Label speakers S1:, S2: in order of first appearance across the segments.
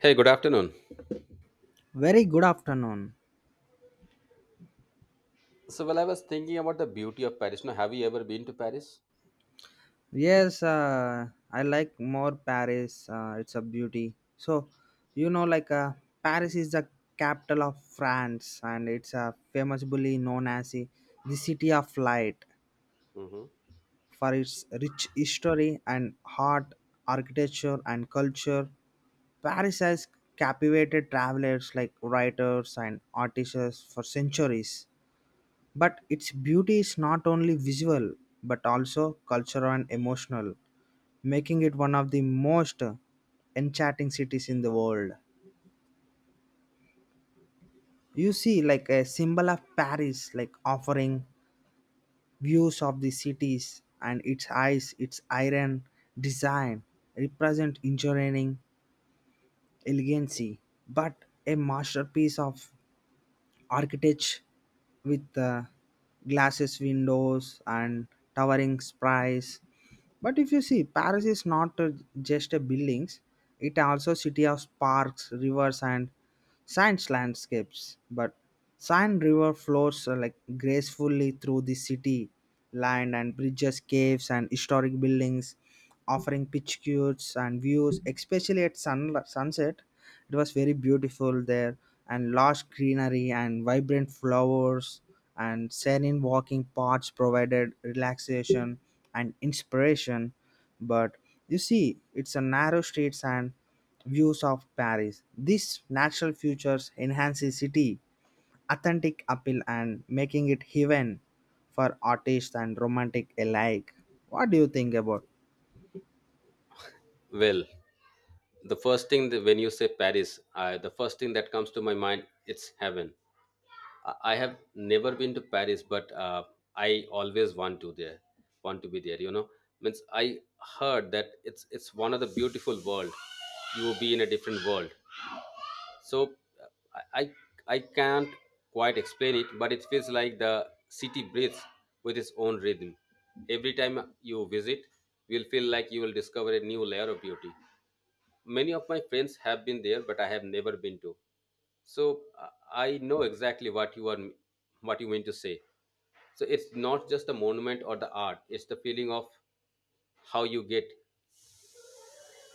S1: Hey, good afternoon.
S2: Very good afternoon.
S1: So, well, I was thinking about the beauty of Paris. Now, have you ever been to Paris?
S2: Yes, I like more Paris. It's a beauty. So, you know, like uh, Paris is the capital of France, and it's famously known as the city of light
S1: Hmm.
S2: for its rich history and art, architecture, and culture. Paris has captivated travelers like writers and artists for centuries. But its beauty is not only visual but also cultural and emotional, making it one of the most enchanting cities in the world. You see, like a symbol of Paris, like offering views of the cities and its eyes, its iron design represent engineering elegancy, but a masterpiece of architecture with glasses windows and towering spires, but if you see, paris is not just a buildings, it also city of parks, rivers and science landscapes, but Seine river flows like gracefully through the city land and bridges caves and historic buildings offering pitch cures and views, especially at sunset. It was very beautiful there, and lush greenery and vibrant flowers and serene walking paths provided relaxation and inspiration. But you see, it's a narrow streets and views of Paris. These natural features enhance the city authentic appeal and making it heaven for artists and romantic alike. What do you think about?
S1: Well, the first thing that when you say Paris, I, the first thing that comes to my mind it's heaven. I have never been to Paris, but I always want to there, want to be there. You know, means I heard that it's one of the beautiful world. You will be in a different world. So, I, I I can't quite explain it, but it feels like the city breathes with its own rhythm. Every time you visit, you'll feel like you will discover a new layer of beauty. Many of my friends have been there, but I have never been to. So I know exactly what you are what you mean to say. So it's not just the monument or the art; it's the feeling of how you get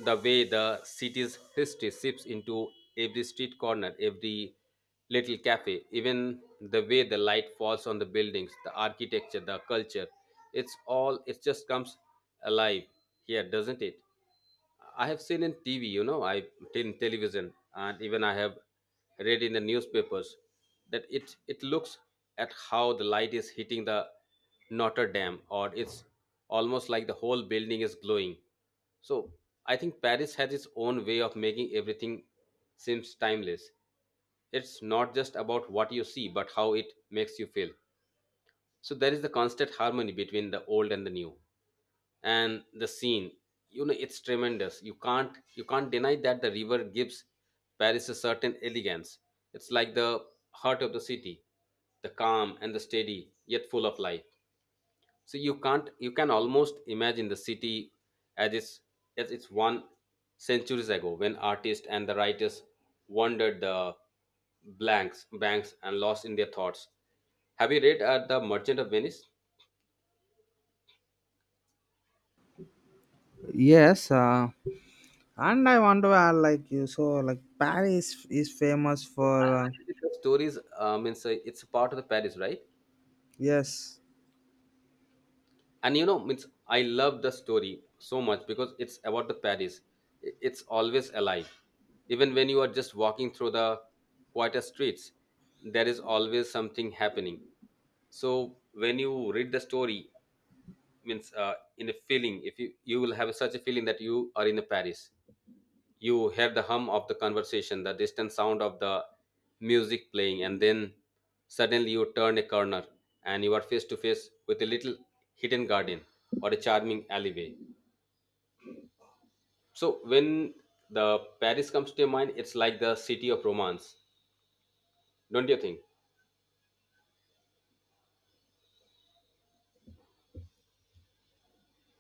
S1: the way the city's history seeps into every street corner, every little cafe, even the way the light falls on the buildings, the architecture, the culture. It's all, it just comes alive here, doesn't it? I have seen in TV, you know, I in television, and even I have read in the newspapers that it looks at how the light is hitting the Notre Dame, or it's almost like the whole building is glowing. So I think Paris has its own way of making everything seems timeless. It's not just about what you see, but how it makes you feel. So there is the constant harmony between the old and the new and the scene, you know, it's tremendous. You can't deny that the river gives Paris a certain elegance. It's like the heart of the city, the calm and the steady yet full of life. So you can't, you can almost imagine the city as it's one centuries ago when artists and the writers wandered the blanks banks and lost in their thoughts. Have you read the Merchant of Venice?
S2: Yes, and I want to add like you, so like Paris is famous
S1: I,
S2: for
S1: I believe the stories means it's a part of the Paris, right?
S2: yes.
S1: And you know, means I love the story so much because it's about the Paris. It's always alive, even when you are just walking through the quieter streets. There is always something happening. So when you read the story, means in a feeling, if you will have such a feeling that you are in the Paris. You hear the hum of the conversation, the distant sound of the music playing, and then suddenly you turn a corner and you are face to face with a little hidden garden or a charming alleyway. So when the Paris comes to your mind, it's like the city of romance, don't you think?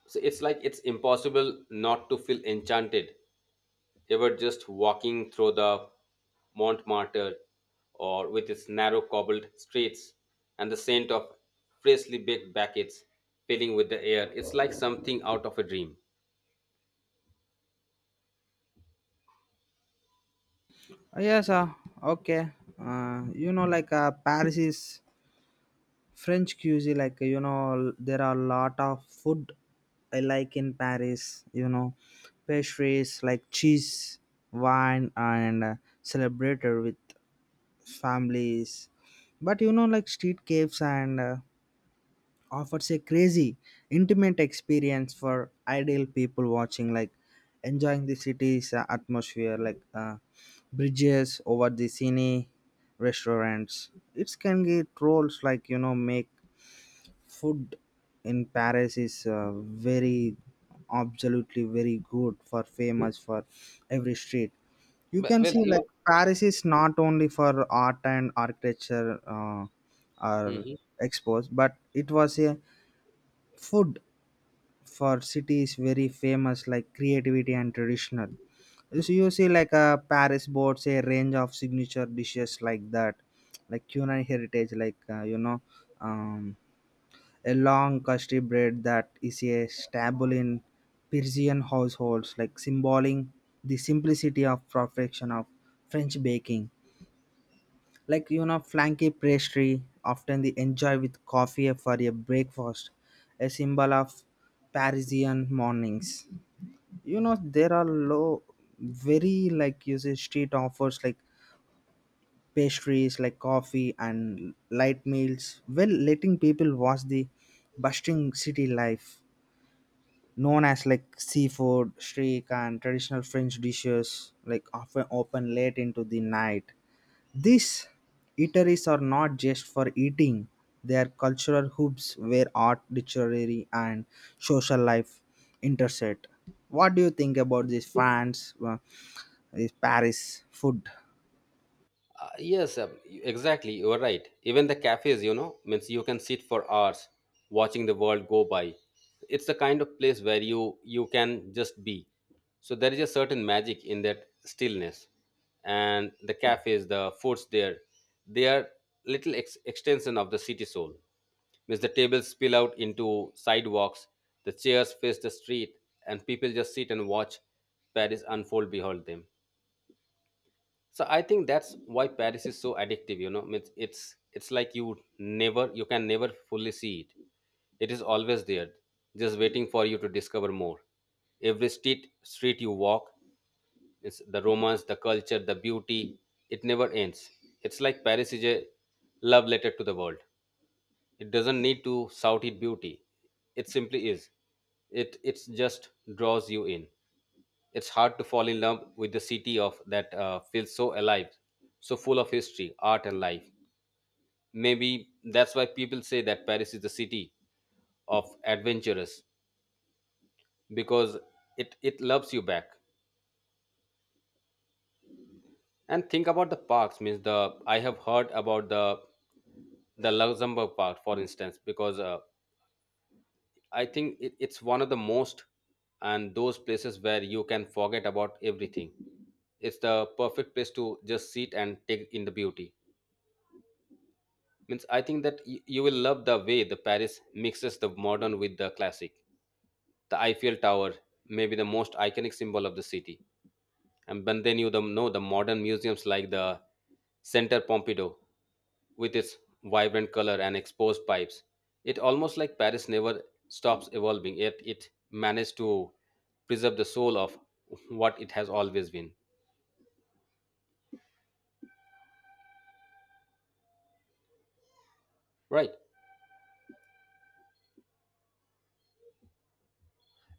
S1: So it's like it's impossible not to feel enchanted. They were just walking through the Montmartre or with its narrow cobbled streets and the scent of freshly baked baguettes filling with the air. It's like something out of a dream.
S2: Uh, yes, uh, okay. Paris is French cuisine. Like you know, there are a lot of food I like in Paris. You know, pastries like cheese, wine, and celebrated with families. But you know, like street caves and. Offers a crazy, intimate experience for ideal people watching, like enjoying the city's atmosphere, like bridges over the cine, restaurants. It can get roles like, you know, make food in Paris is very absolutely very good for famous for every street. You
S1: Well,
S2: can
S1: well,
S2: see like
S1: you.
S2: Paris is not only for art and architecture are
S1: Mhm.
S2: exposed, but it was a food for city is very famous like creativity and traditional. So you see, like a paris boasts a range of signature dishes like that, like culinary heritage, like um, a long custard bread that is a staple in parisian households like symboling the simplicity of perfection of french baking, like you know, flanky pastry often they enjoy with coffee for a breakfast, a symbol of parisian mornings. You know, there are low very like you say street offers like pastries like coffee and light meals well letting people watch the bustling city life, known as like seafood streak and traditional french dishes like often open late into the night. These eateries are not just for eating, they are cultural hubs where art, literary, and social life intersect. What do you think about this France, this Paris food?
S1: Uh, yes, uh, exactly. You are right. Even the cafes, you know, means you can sit for hours watching the world go by. It's the kind of place where you can just be. So there is a certain magic in that stillness, and the cafes, the foods there, they are little extension of the city soul. Means the tables spill out into sidewalks, the chairs face the street, and people just sit and watch Paris unfold behold them. So I think that's why Paris is so addictive. You know, it's like you would never, you can never fully see it. It is always there, just waiting for you to discover more. Every street you walk, it's the romance, the culture, the beauty. It never ends. It's like Paris is a love letter to the world. It doesn't need to shout it beauty, it simply is. It it's just draws you in. It's hard to fall in love with the city of that feels so alive, so full of history, art and life. Maybe that's why people say that Paris is the city of adventurers because it loves you back. And think about the parks, means the, I have heard about the Luxembourg Park for instance, because I think it's one of the most and those places where you can forget about everything. It's the perfect place to just sit and take in the beauty. Means I think that you will love the way the Paris mixes the modern with the classic. The Eiffel Tower may be the most iconic symbol of the city. And but then you the, know the modern museums like the Center Pompidou with its vibrant color and exposed pipes. It almost like Paris never stops evolving, yet it managed to preserve the soul of what it has always been. Right?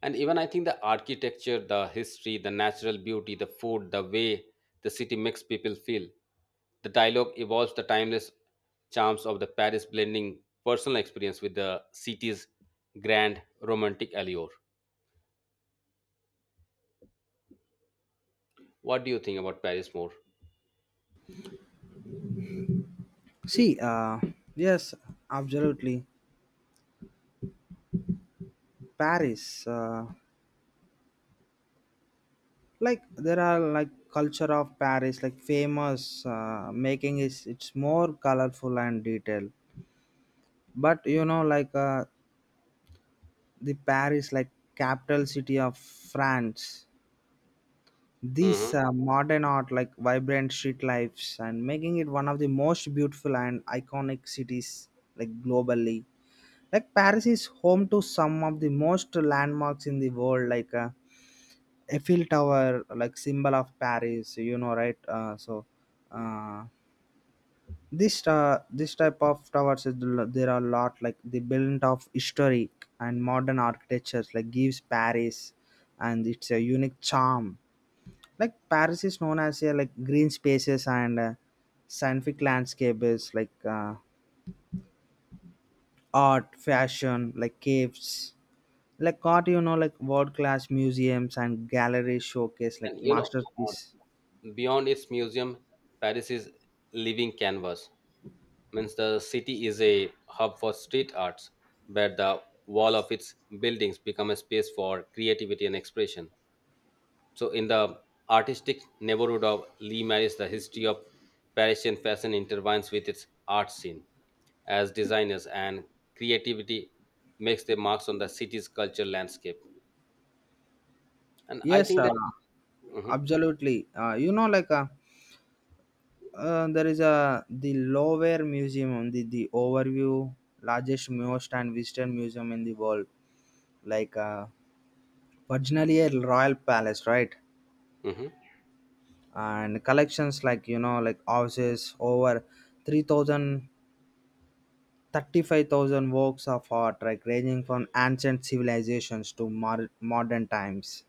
S1: And even I think the architecture, the history, the natural beauty, the food, the way the city makes people feel. The dialogue evolves the timeless charms of the Paris, blending personal experience with the city's grand romantic allure. What do you think about Paris more?
S2: See, yes, absolutely. Paris, like there are like culture of Paris, like famous making is it's more colorful and detailed. But you know, like the Paris, like capital city of France.
S1: Hmm.
S2: This modern art, like vibrant street lives, and making it one of the most beautiful and iconic cities, like globally. Like Paris is home to some of the most landmarks in the world, like Eiffel Tower, like symbol of Paris. You know, right? Uh, this this type of towers is there are a lot like the blend of historic and modern architectures like gives paris and it's a unique charm. Like paris is known as a like green spaces and scientific landscapes like art fashion like caves like art, you know, like world class museums and galleries showcase like
S1: And you know,
S2: masterpiece.
S1: beyond its museum, Paris is living canvas. Means the city is a hub for street arts where the wall of its buildings become a space for creativity and expression. So in the artistic neighborhood of Limaris, the history of Parisian fashion intertwines with its art scene as designers and creativity makes their marks on the city's culture landscape, and I
S2: Yes,
S1: think that. Mhm,
S2: absolutely, there is a the Louvre Museum on the overview largest most and visitor museum in the world, like originally a royal palace, right?
S1: mhm,
S2: And collections like you know like houses over 3000, 35,000 works of art like ranging from ancient modern times.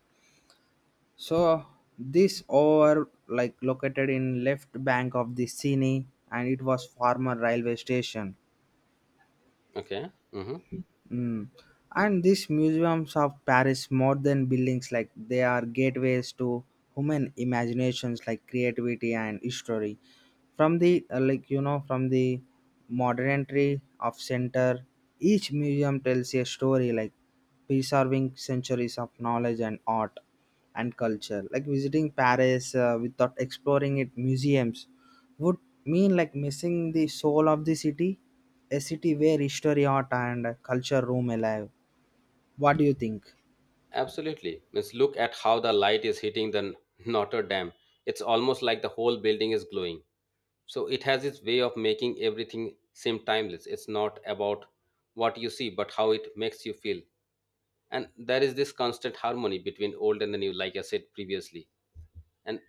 S2: So this over like located in left bank of the Seine and it was former railway station.
S1: okay, mhm.
S2: Mm. And these museums of Paris, more than buildings, like they are gateways to human imaginations, like creativity and history. From the like you know, from the modernity of center, each museum tells a story, like preserving centuries of knowledge and art and culture. Like visiting Paris without exploring it museums would mean like missing the soul of the city, a city where history, art, and culture roam alive. What do you think?
S1: Absolutely. Let's look at how the light is hitting the Notre Dame. It's almost like the whole building is glowing. So it has its way of making everything seem timeless. It's not about what you see, but how it makes you feel. And there is this constant harmony between old and the new, like I said previously. And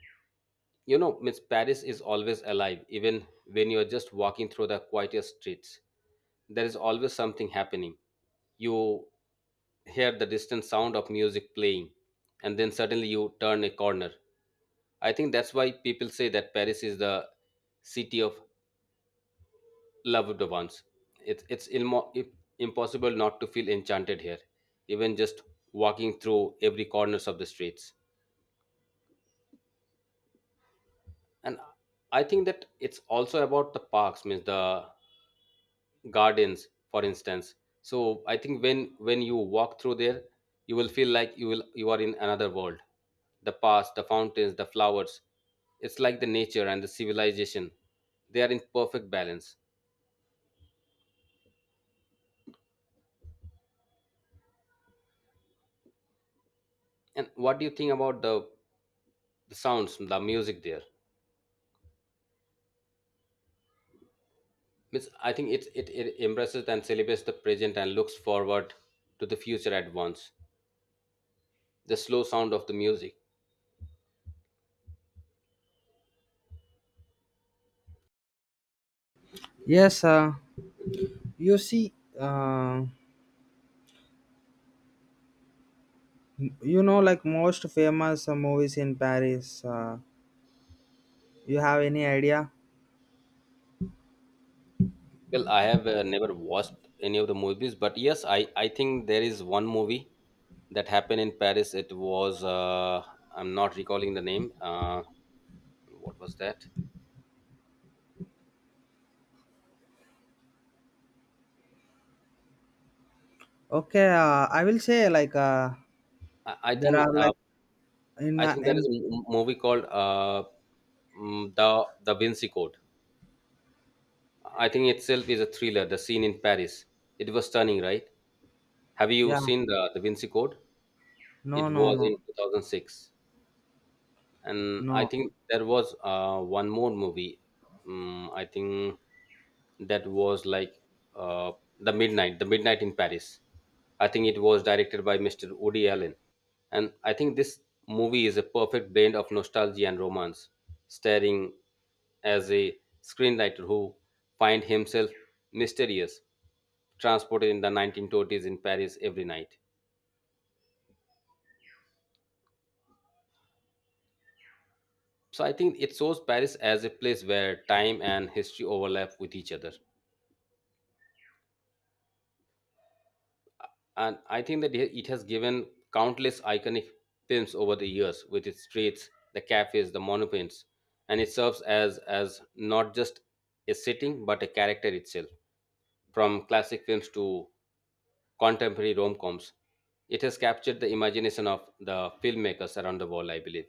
S1: you know, Miss Paris is always alive, even when you're just walking through the quietest streets. There is always something happening. You hear the distant sound of music playing, and then suddenly you turn a corner. I think that's why people say that Paris is the city of loved ones. It's impossible not to feel enchanted here, even just walking through every corners of the streets. And I think that it's also about the parks, means the gardens for instance. So I think when you walk through there, you will feel like you are in another world. The past, the fountains, the flowers, it's like the nature and the civilization, they are in perfect balance. And what do you think about the sounds, the music there? Means I think it it embraces and celebrates the present and looks forward to the future at once, the slow sound of the music.
S2: Yes, you see, uh, you know, like most famous movies in Paris. You have any idea?
S1: Well, I have never watched any of the movies, but yes, I think there is one movie that happened in Paris. It was, I'm not recalling the name. What was that?
S2: Okay, I will say like
S1: I, I
S2: there are
S1: think uh,
S2: like
S1: I think there is
S2: in,
S1: a movie called the Da Vinci Code. I think itself is a thriller. The scene in Paris, it was stunning, right? Have you
S2: yeah.
S1: seen the Vinci Code?
S2: No,
S1: It
S2: no,
S1: was
S2: no,
S1: in 2006. And I
S2: no.
S1: think there was one more movie. I think that was like uh, the Midnight in Paris. I think it was directed by Mr. Woody Allen, and I think this movie is a perfect blend of nostalgia and romance, starring as a screenwriter who find himself mysterious, transported in the 1920s in Paris every night. So I think it shows Paris as a place where time and history overlap with each other. And I think that it has given countless iconic films over the years with its streets, the cafes, the monuments, and it serves as not just a setting but a character itself. From classic films to contemporary rom-coms, it has captured the imagination of the filmmakers around the world, I believe.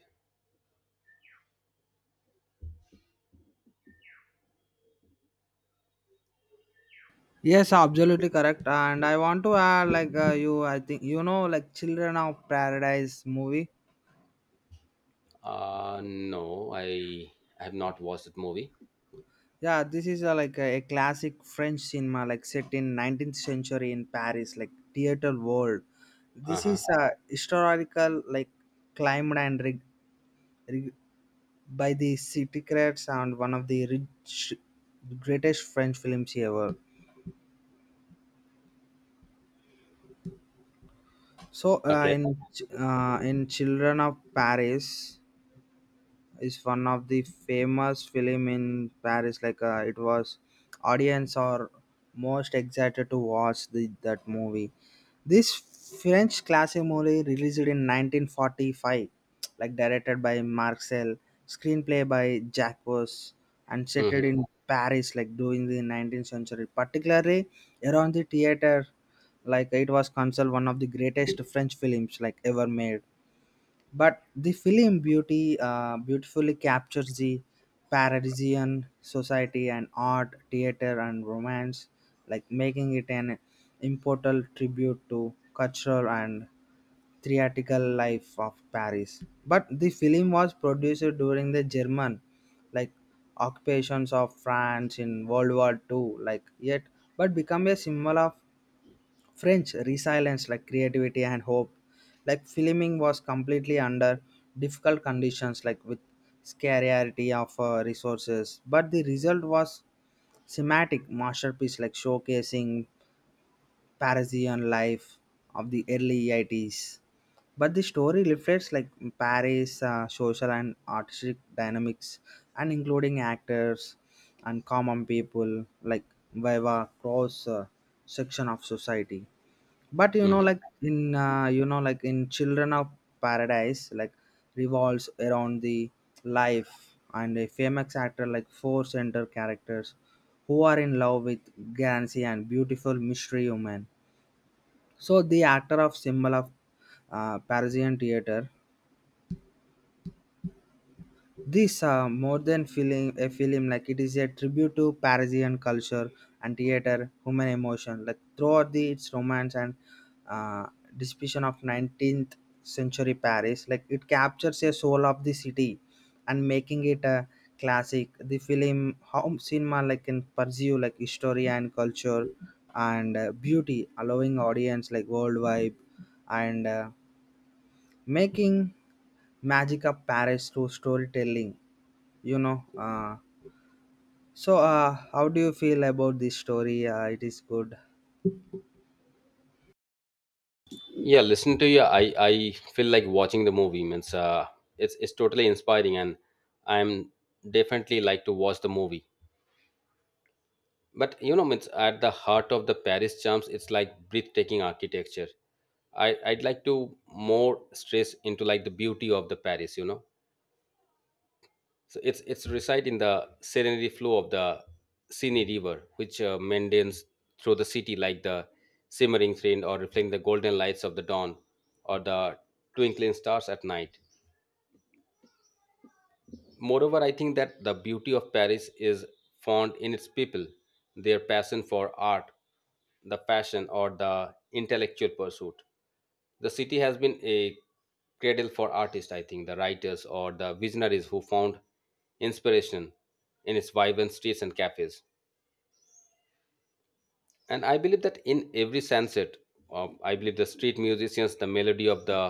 S2: Yes, absolutely correct, and I want to add like you, I think you know like Children of Paradise movie.
S1: Uh, no, I have not watched that movie.
S2: Yeah, this is a, like a classic French cinema, like set in 19th century in Paris, like theater world. This
S1: Uh-huh.
S2: is a historical like climbed and rig, by the secrets and one of the greatest French films ever. So
S1: Okay.
S2: in Children of Paris, is one of the famous film in Paris. Like it was, audience are most excited to watch that movie. This French classic movie released in 1945, like directed by Marcel, screenplay by Jacques Vos, and set
S1: Mhm.
S2: in Paris, like during the 19th century, particularly around the theater. Like it was considered one of the greatest French films like ever made, but the film beauty beautifully captures the parisian society and art theater and romance, like making it an immortal tribute to cultural and theatrical life of paris. But the film was produced during the german like occupations of france in world war Two, like yet but become a symbol of French resilience, like creativity and hope. Like filming was completely under difficult conditions, like with scarcity of resources. But the result was cinematic masterpiece, like showcasing Parisian life of the early 80s. But the story reflects like Paris social and artistic dynamics, and including actors and common people, like via cross section of society. But you know,
S1: Hmm.
S2: like in children of paradise like revolves around the life and a famous actor like four center characters who are in love with Gansi and beautiful mystery woman. So the actor of symbol of parisian theater. This more than feeling a film, like it is a tribute to Parisian culture and theater, human emotion. Like throughout the its romance and uh, description of 19th century Paris, like it captures a soul of the city and making it a classic. The film home cinema like can pursue like history and culture and beauty, allowing audience like worldwide and making magic of Paris through storytelling. You know, so how do you feel about this story? It is good.
S1: Yeah, listening to you. I feel like watching the movie. Means it's totally inspiring, and I'm definitely like to watch the movie. But you know, means at the heart of the Paris charms, it's like breathtaking architecture. I'd like to more stress into like the beauty of the Paris. You know. So it's reside in the serenity flow of the Sini River, which meanders through the city like the simmering rain or reflecting the golden lights of the dawn or the twinkling stars at night. Moreover, I think that the beauty of Paris is found in its people, their passion for art, the passion or the intellectual pursuit. The city has been a cradle for artists, I think, the writers or the visionaries who found inspiration in its vibrant streets and cafes, and I believe that in every sunset, I believe the street musicians, the melody of the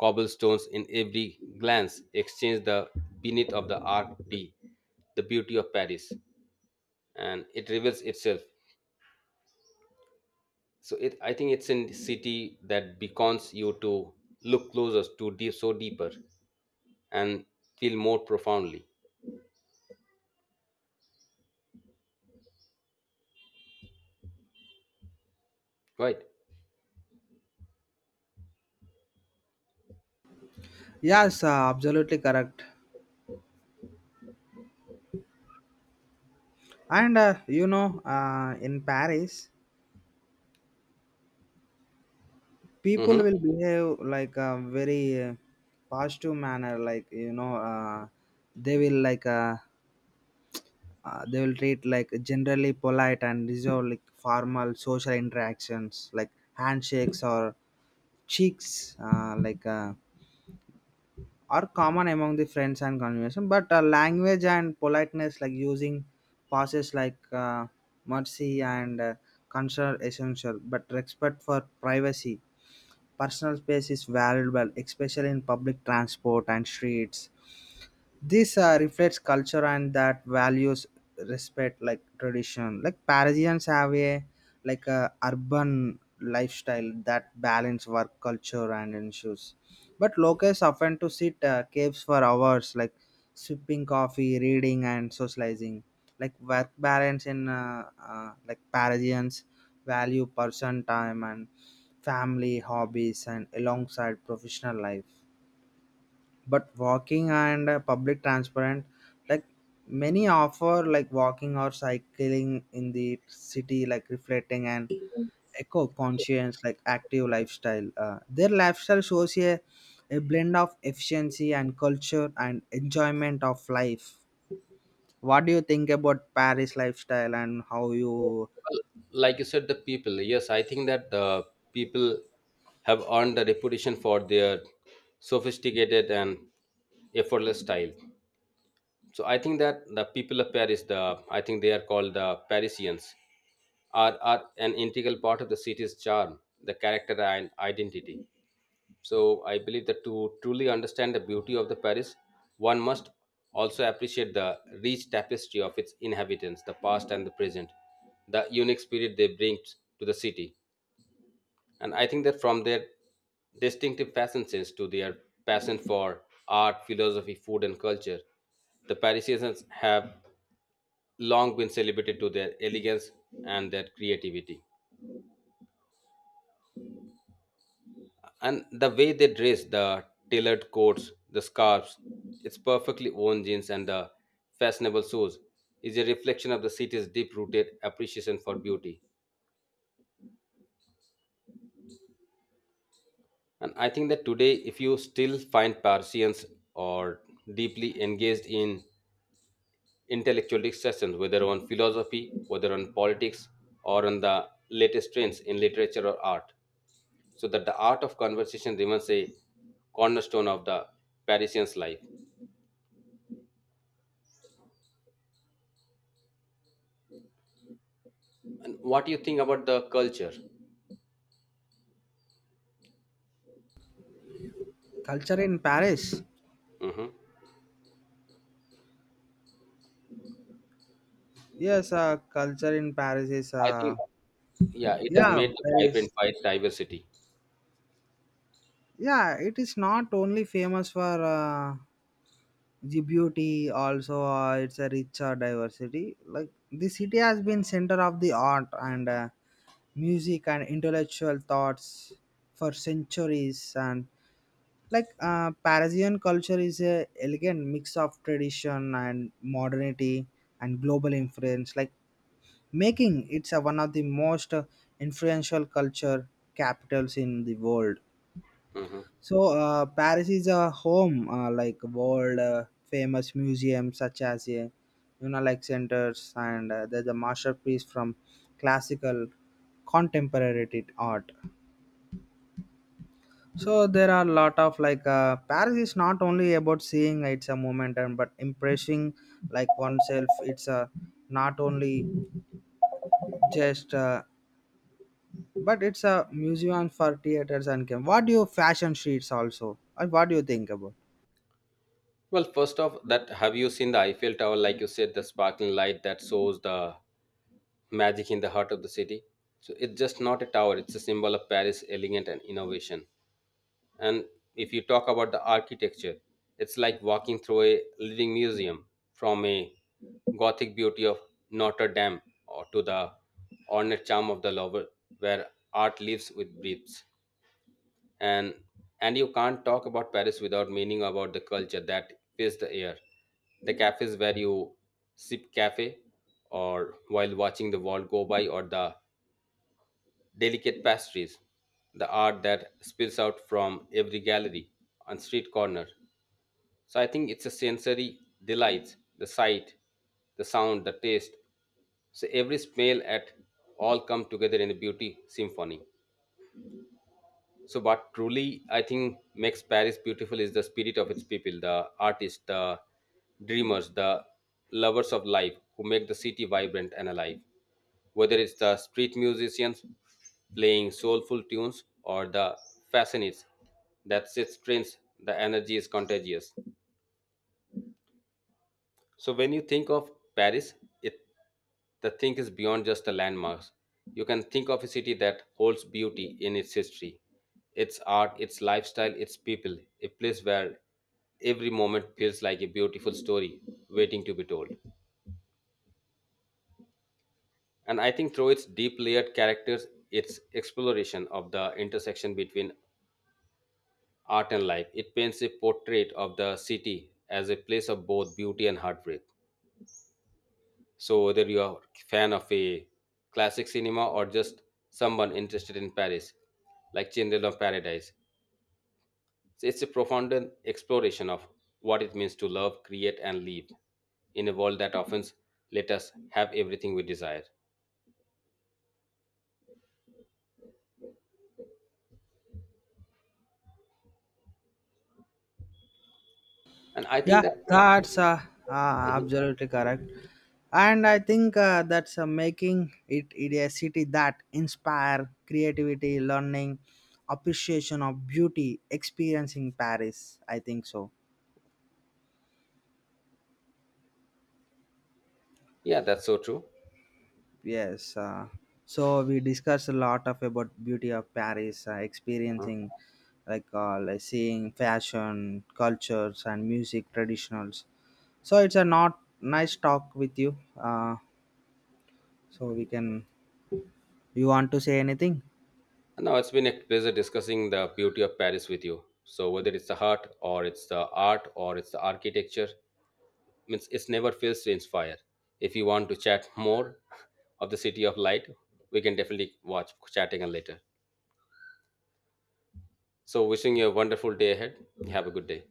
S1: cobblestones, in every glance exchange, the beneath of the art d, the beauty of Paris, and it reveals itself. So it, I think it's a city that beckons you to look closer, to deep, so deeper, and feel more profoundly, right?
S2: Yes, absolutely correct. And you know, in Paris, people
S1: Hmm.
S2: will behave like a very positive manner. Like you know, they will like. Uh, they will treat like generally polite and reserve like formal social interactions like handshakes or cheeks are common among the friends and conversation, but language and politeness like using passes like mercy and concern essential, but respect for privacy personal space is valuable, especially in public transport and streets. This reflects culture and that values respect like tradition, like parisians have a like a urban lifestyle that balance work culture and issues, but locals often to sit caves for hours like sipping coffee reading and socializing, like work balance in like parisians value person time and family hobbies and alongside professional life, but walking and public transport like many offer like walking or cycling in the city like reflecting and eco conscious like active lifestyle. Their lifestyle shows a blend of efficiency and culture and enjoyment of life. What do you think about paris lifestyle and how you
S1: Like you said, the people, yes, I think that the people have earned the reputation for their sophisticated and effortless style. So I think that the people of Paris, the, I think they are called the Parisians, are an integral part of the city's charm, the character and identity. So I believe that to truly understand the beauty of the Paris, one must also appreciate the rich tapestry of its inhabitants, the past and the present, the unique spirit they bring to the city. And I think that from their distinctive fashion sense to their passion for art, philosophy, food, and culture, the Parisians have long been celebrated to their elegance and their creativity. And the way they dress, the tailored coats, the scarves, its perfectly worn jeans, and the fashionable shoes is a reflection of the city's deep rooted appreciation for beauty. And I think that today, if you still find Parisians or deeply engaged in intellectual discussions, whether on philosophy, whether on politics, or on the latest trends in literature or art, so that the art of conversation remains a cornerstone of the Parisian's life. What do you think about the culture?
S2: culture in paris?
S1: Hmm.
S2: Yes, culture in paris is
S1: I think, yeah, it has
S2: yeah,
S1: made the
S2: Paris.
S1: vibrant fight diversity.
S2: Yeah, it is not only famous for the beauty, also it's a rich diversity, like the city has been center of the art and music and intellectual thoughts for centuries, and like parisian culture is a elegant mix of tradition and modernity and global influence, like making it's a, one of the most influential culture capitals in the world.
S1: Hmm.
S2: So Paris is a home like world famous museums such as Unalike centers and there's a masterpiece from classical contemporary art. So there are a lot of like Paris is not only about seeing it's a moment and but impressing like oneself. It's a not only just but it's a museum for theaters and game. What do you fashion sheets also? What do you think about?
S1: Well, first off, that have you seen the Eiffel Tower? Like you said, the sparkling light that shows the magic in the heart of the city. So it's just not a tower; it's a symbol of Paris' elegance and innovation. And if you talk about the architecture, it's like walking through a living museum from a Gothic beauty of Notre Dame or to the ornate charm of the Louvre, where art lives with breathes. And and you can't talk about Paris without meaning about the culture that fills the air. The cafes where you sip cafe or while watching the world go by, or the delicate pastries, the art that spills out from every gallery and street corner. So I think it's a sensory delight, the sight, the sound, the taste. So every smell at all come together in a beauty symphony. So, what truly I think makes Paris beautiful is the spirit of its people, the artists, the dreamers, the lovers of life who make the city vibrant and alive. Whether it's the street musicians playing soulful tunes or the fascinates that sits trains, the energy is contagious. So when you think of Paris, it, the thing is beyond just the landmarks. You can think of a city that holds beauty in its history, its art, its lifestyle, its people, a place where every moment feels like a beautiful story waiting to be told. And I think through its deep layered characters, its exploration of the intersection between art and life, it paints a portrait of the city as a place of both beauty and heartbreak. So, whether you are a fan of a classic cinema or just someone interested in Paris, like Children of Paradise, it's a profound exploration of what it means to love, create, and live in a world that often let us have everything we desire. And I
S2: Yeah,
S1: think that,
S2: that's uh,
S1: mhm,
S2: absolutely correct. And I think that's making it a city that inspire creativity, learning, appreciation of beauty, experiencing Paris. I think so.
S1: yeah, that's so true.
S2: Yes. So we discussed a lot of about beauty of Paris, experiencing like seeing fashion, cultures, and music traditionals. So it's a not nice talk with you. So we can, you want to say anything?
S1: And now it's been a pleasure discussing the beauty of Paris with you. So, whether it's the art, or it's the art, or it's the architecture, means it's never fails to inspire. If you want to chat more of the City of Light, we can definitely watch chatting and later. So wishing you a wonderful day ahead. Have a good day.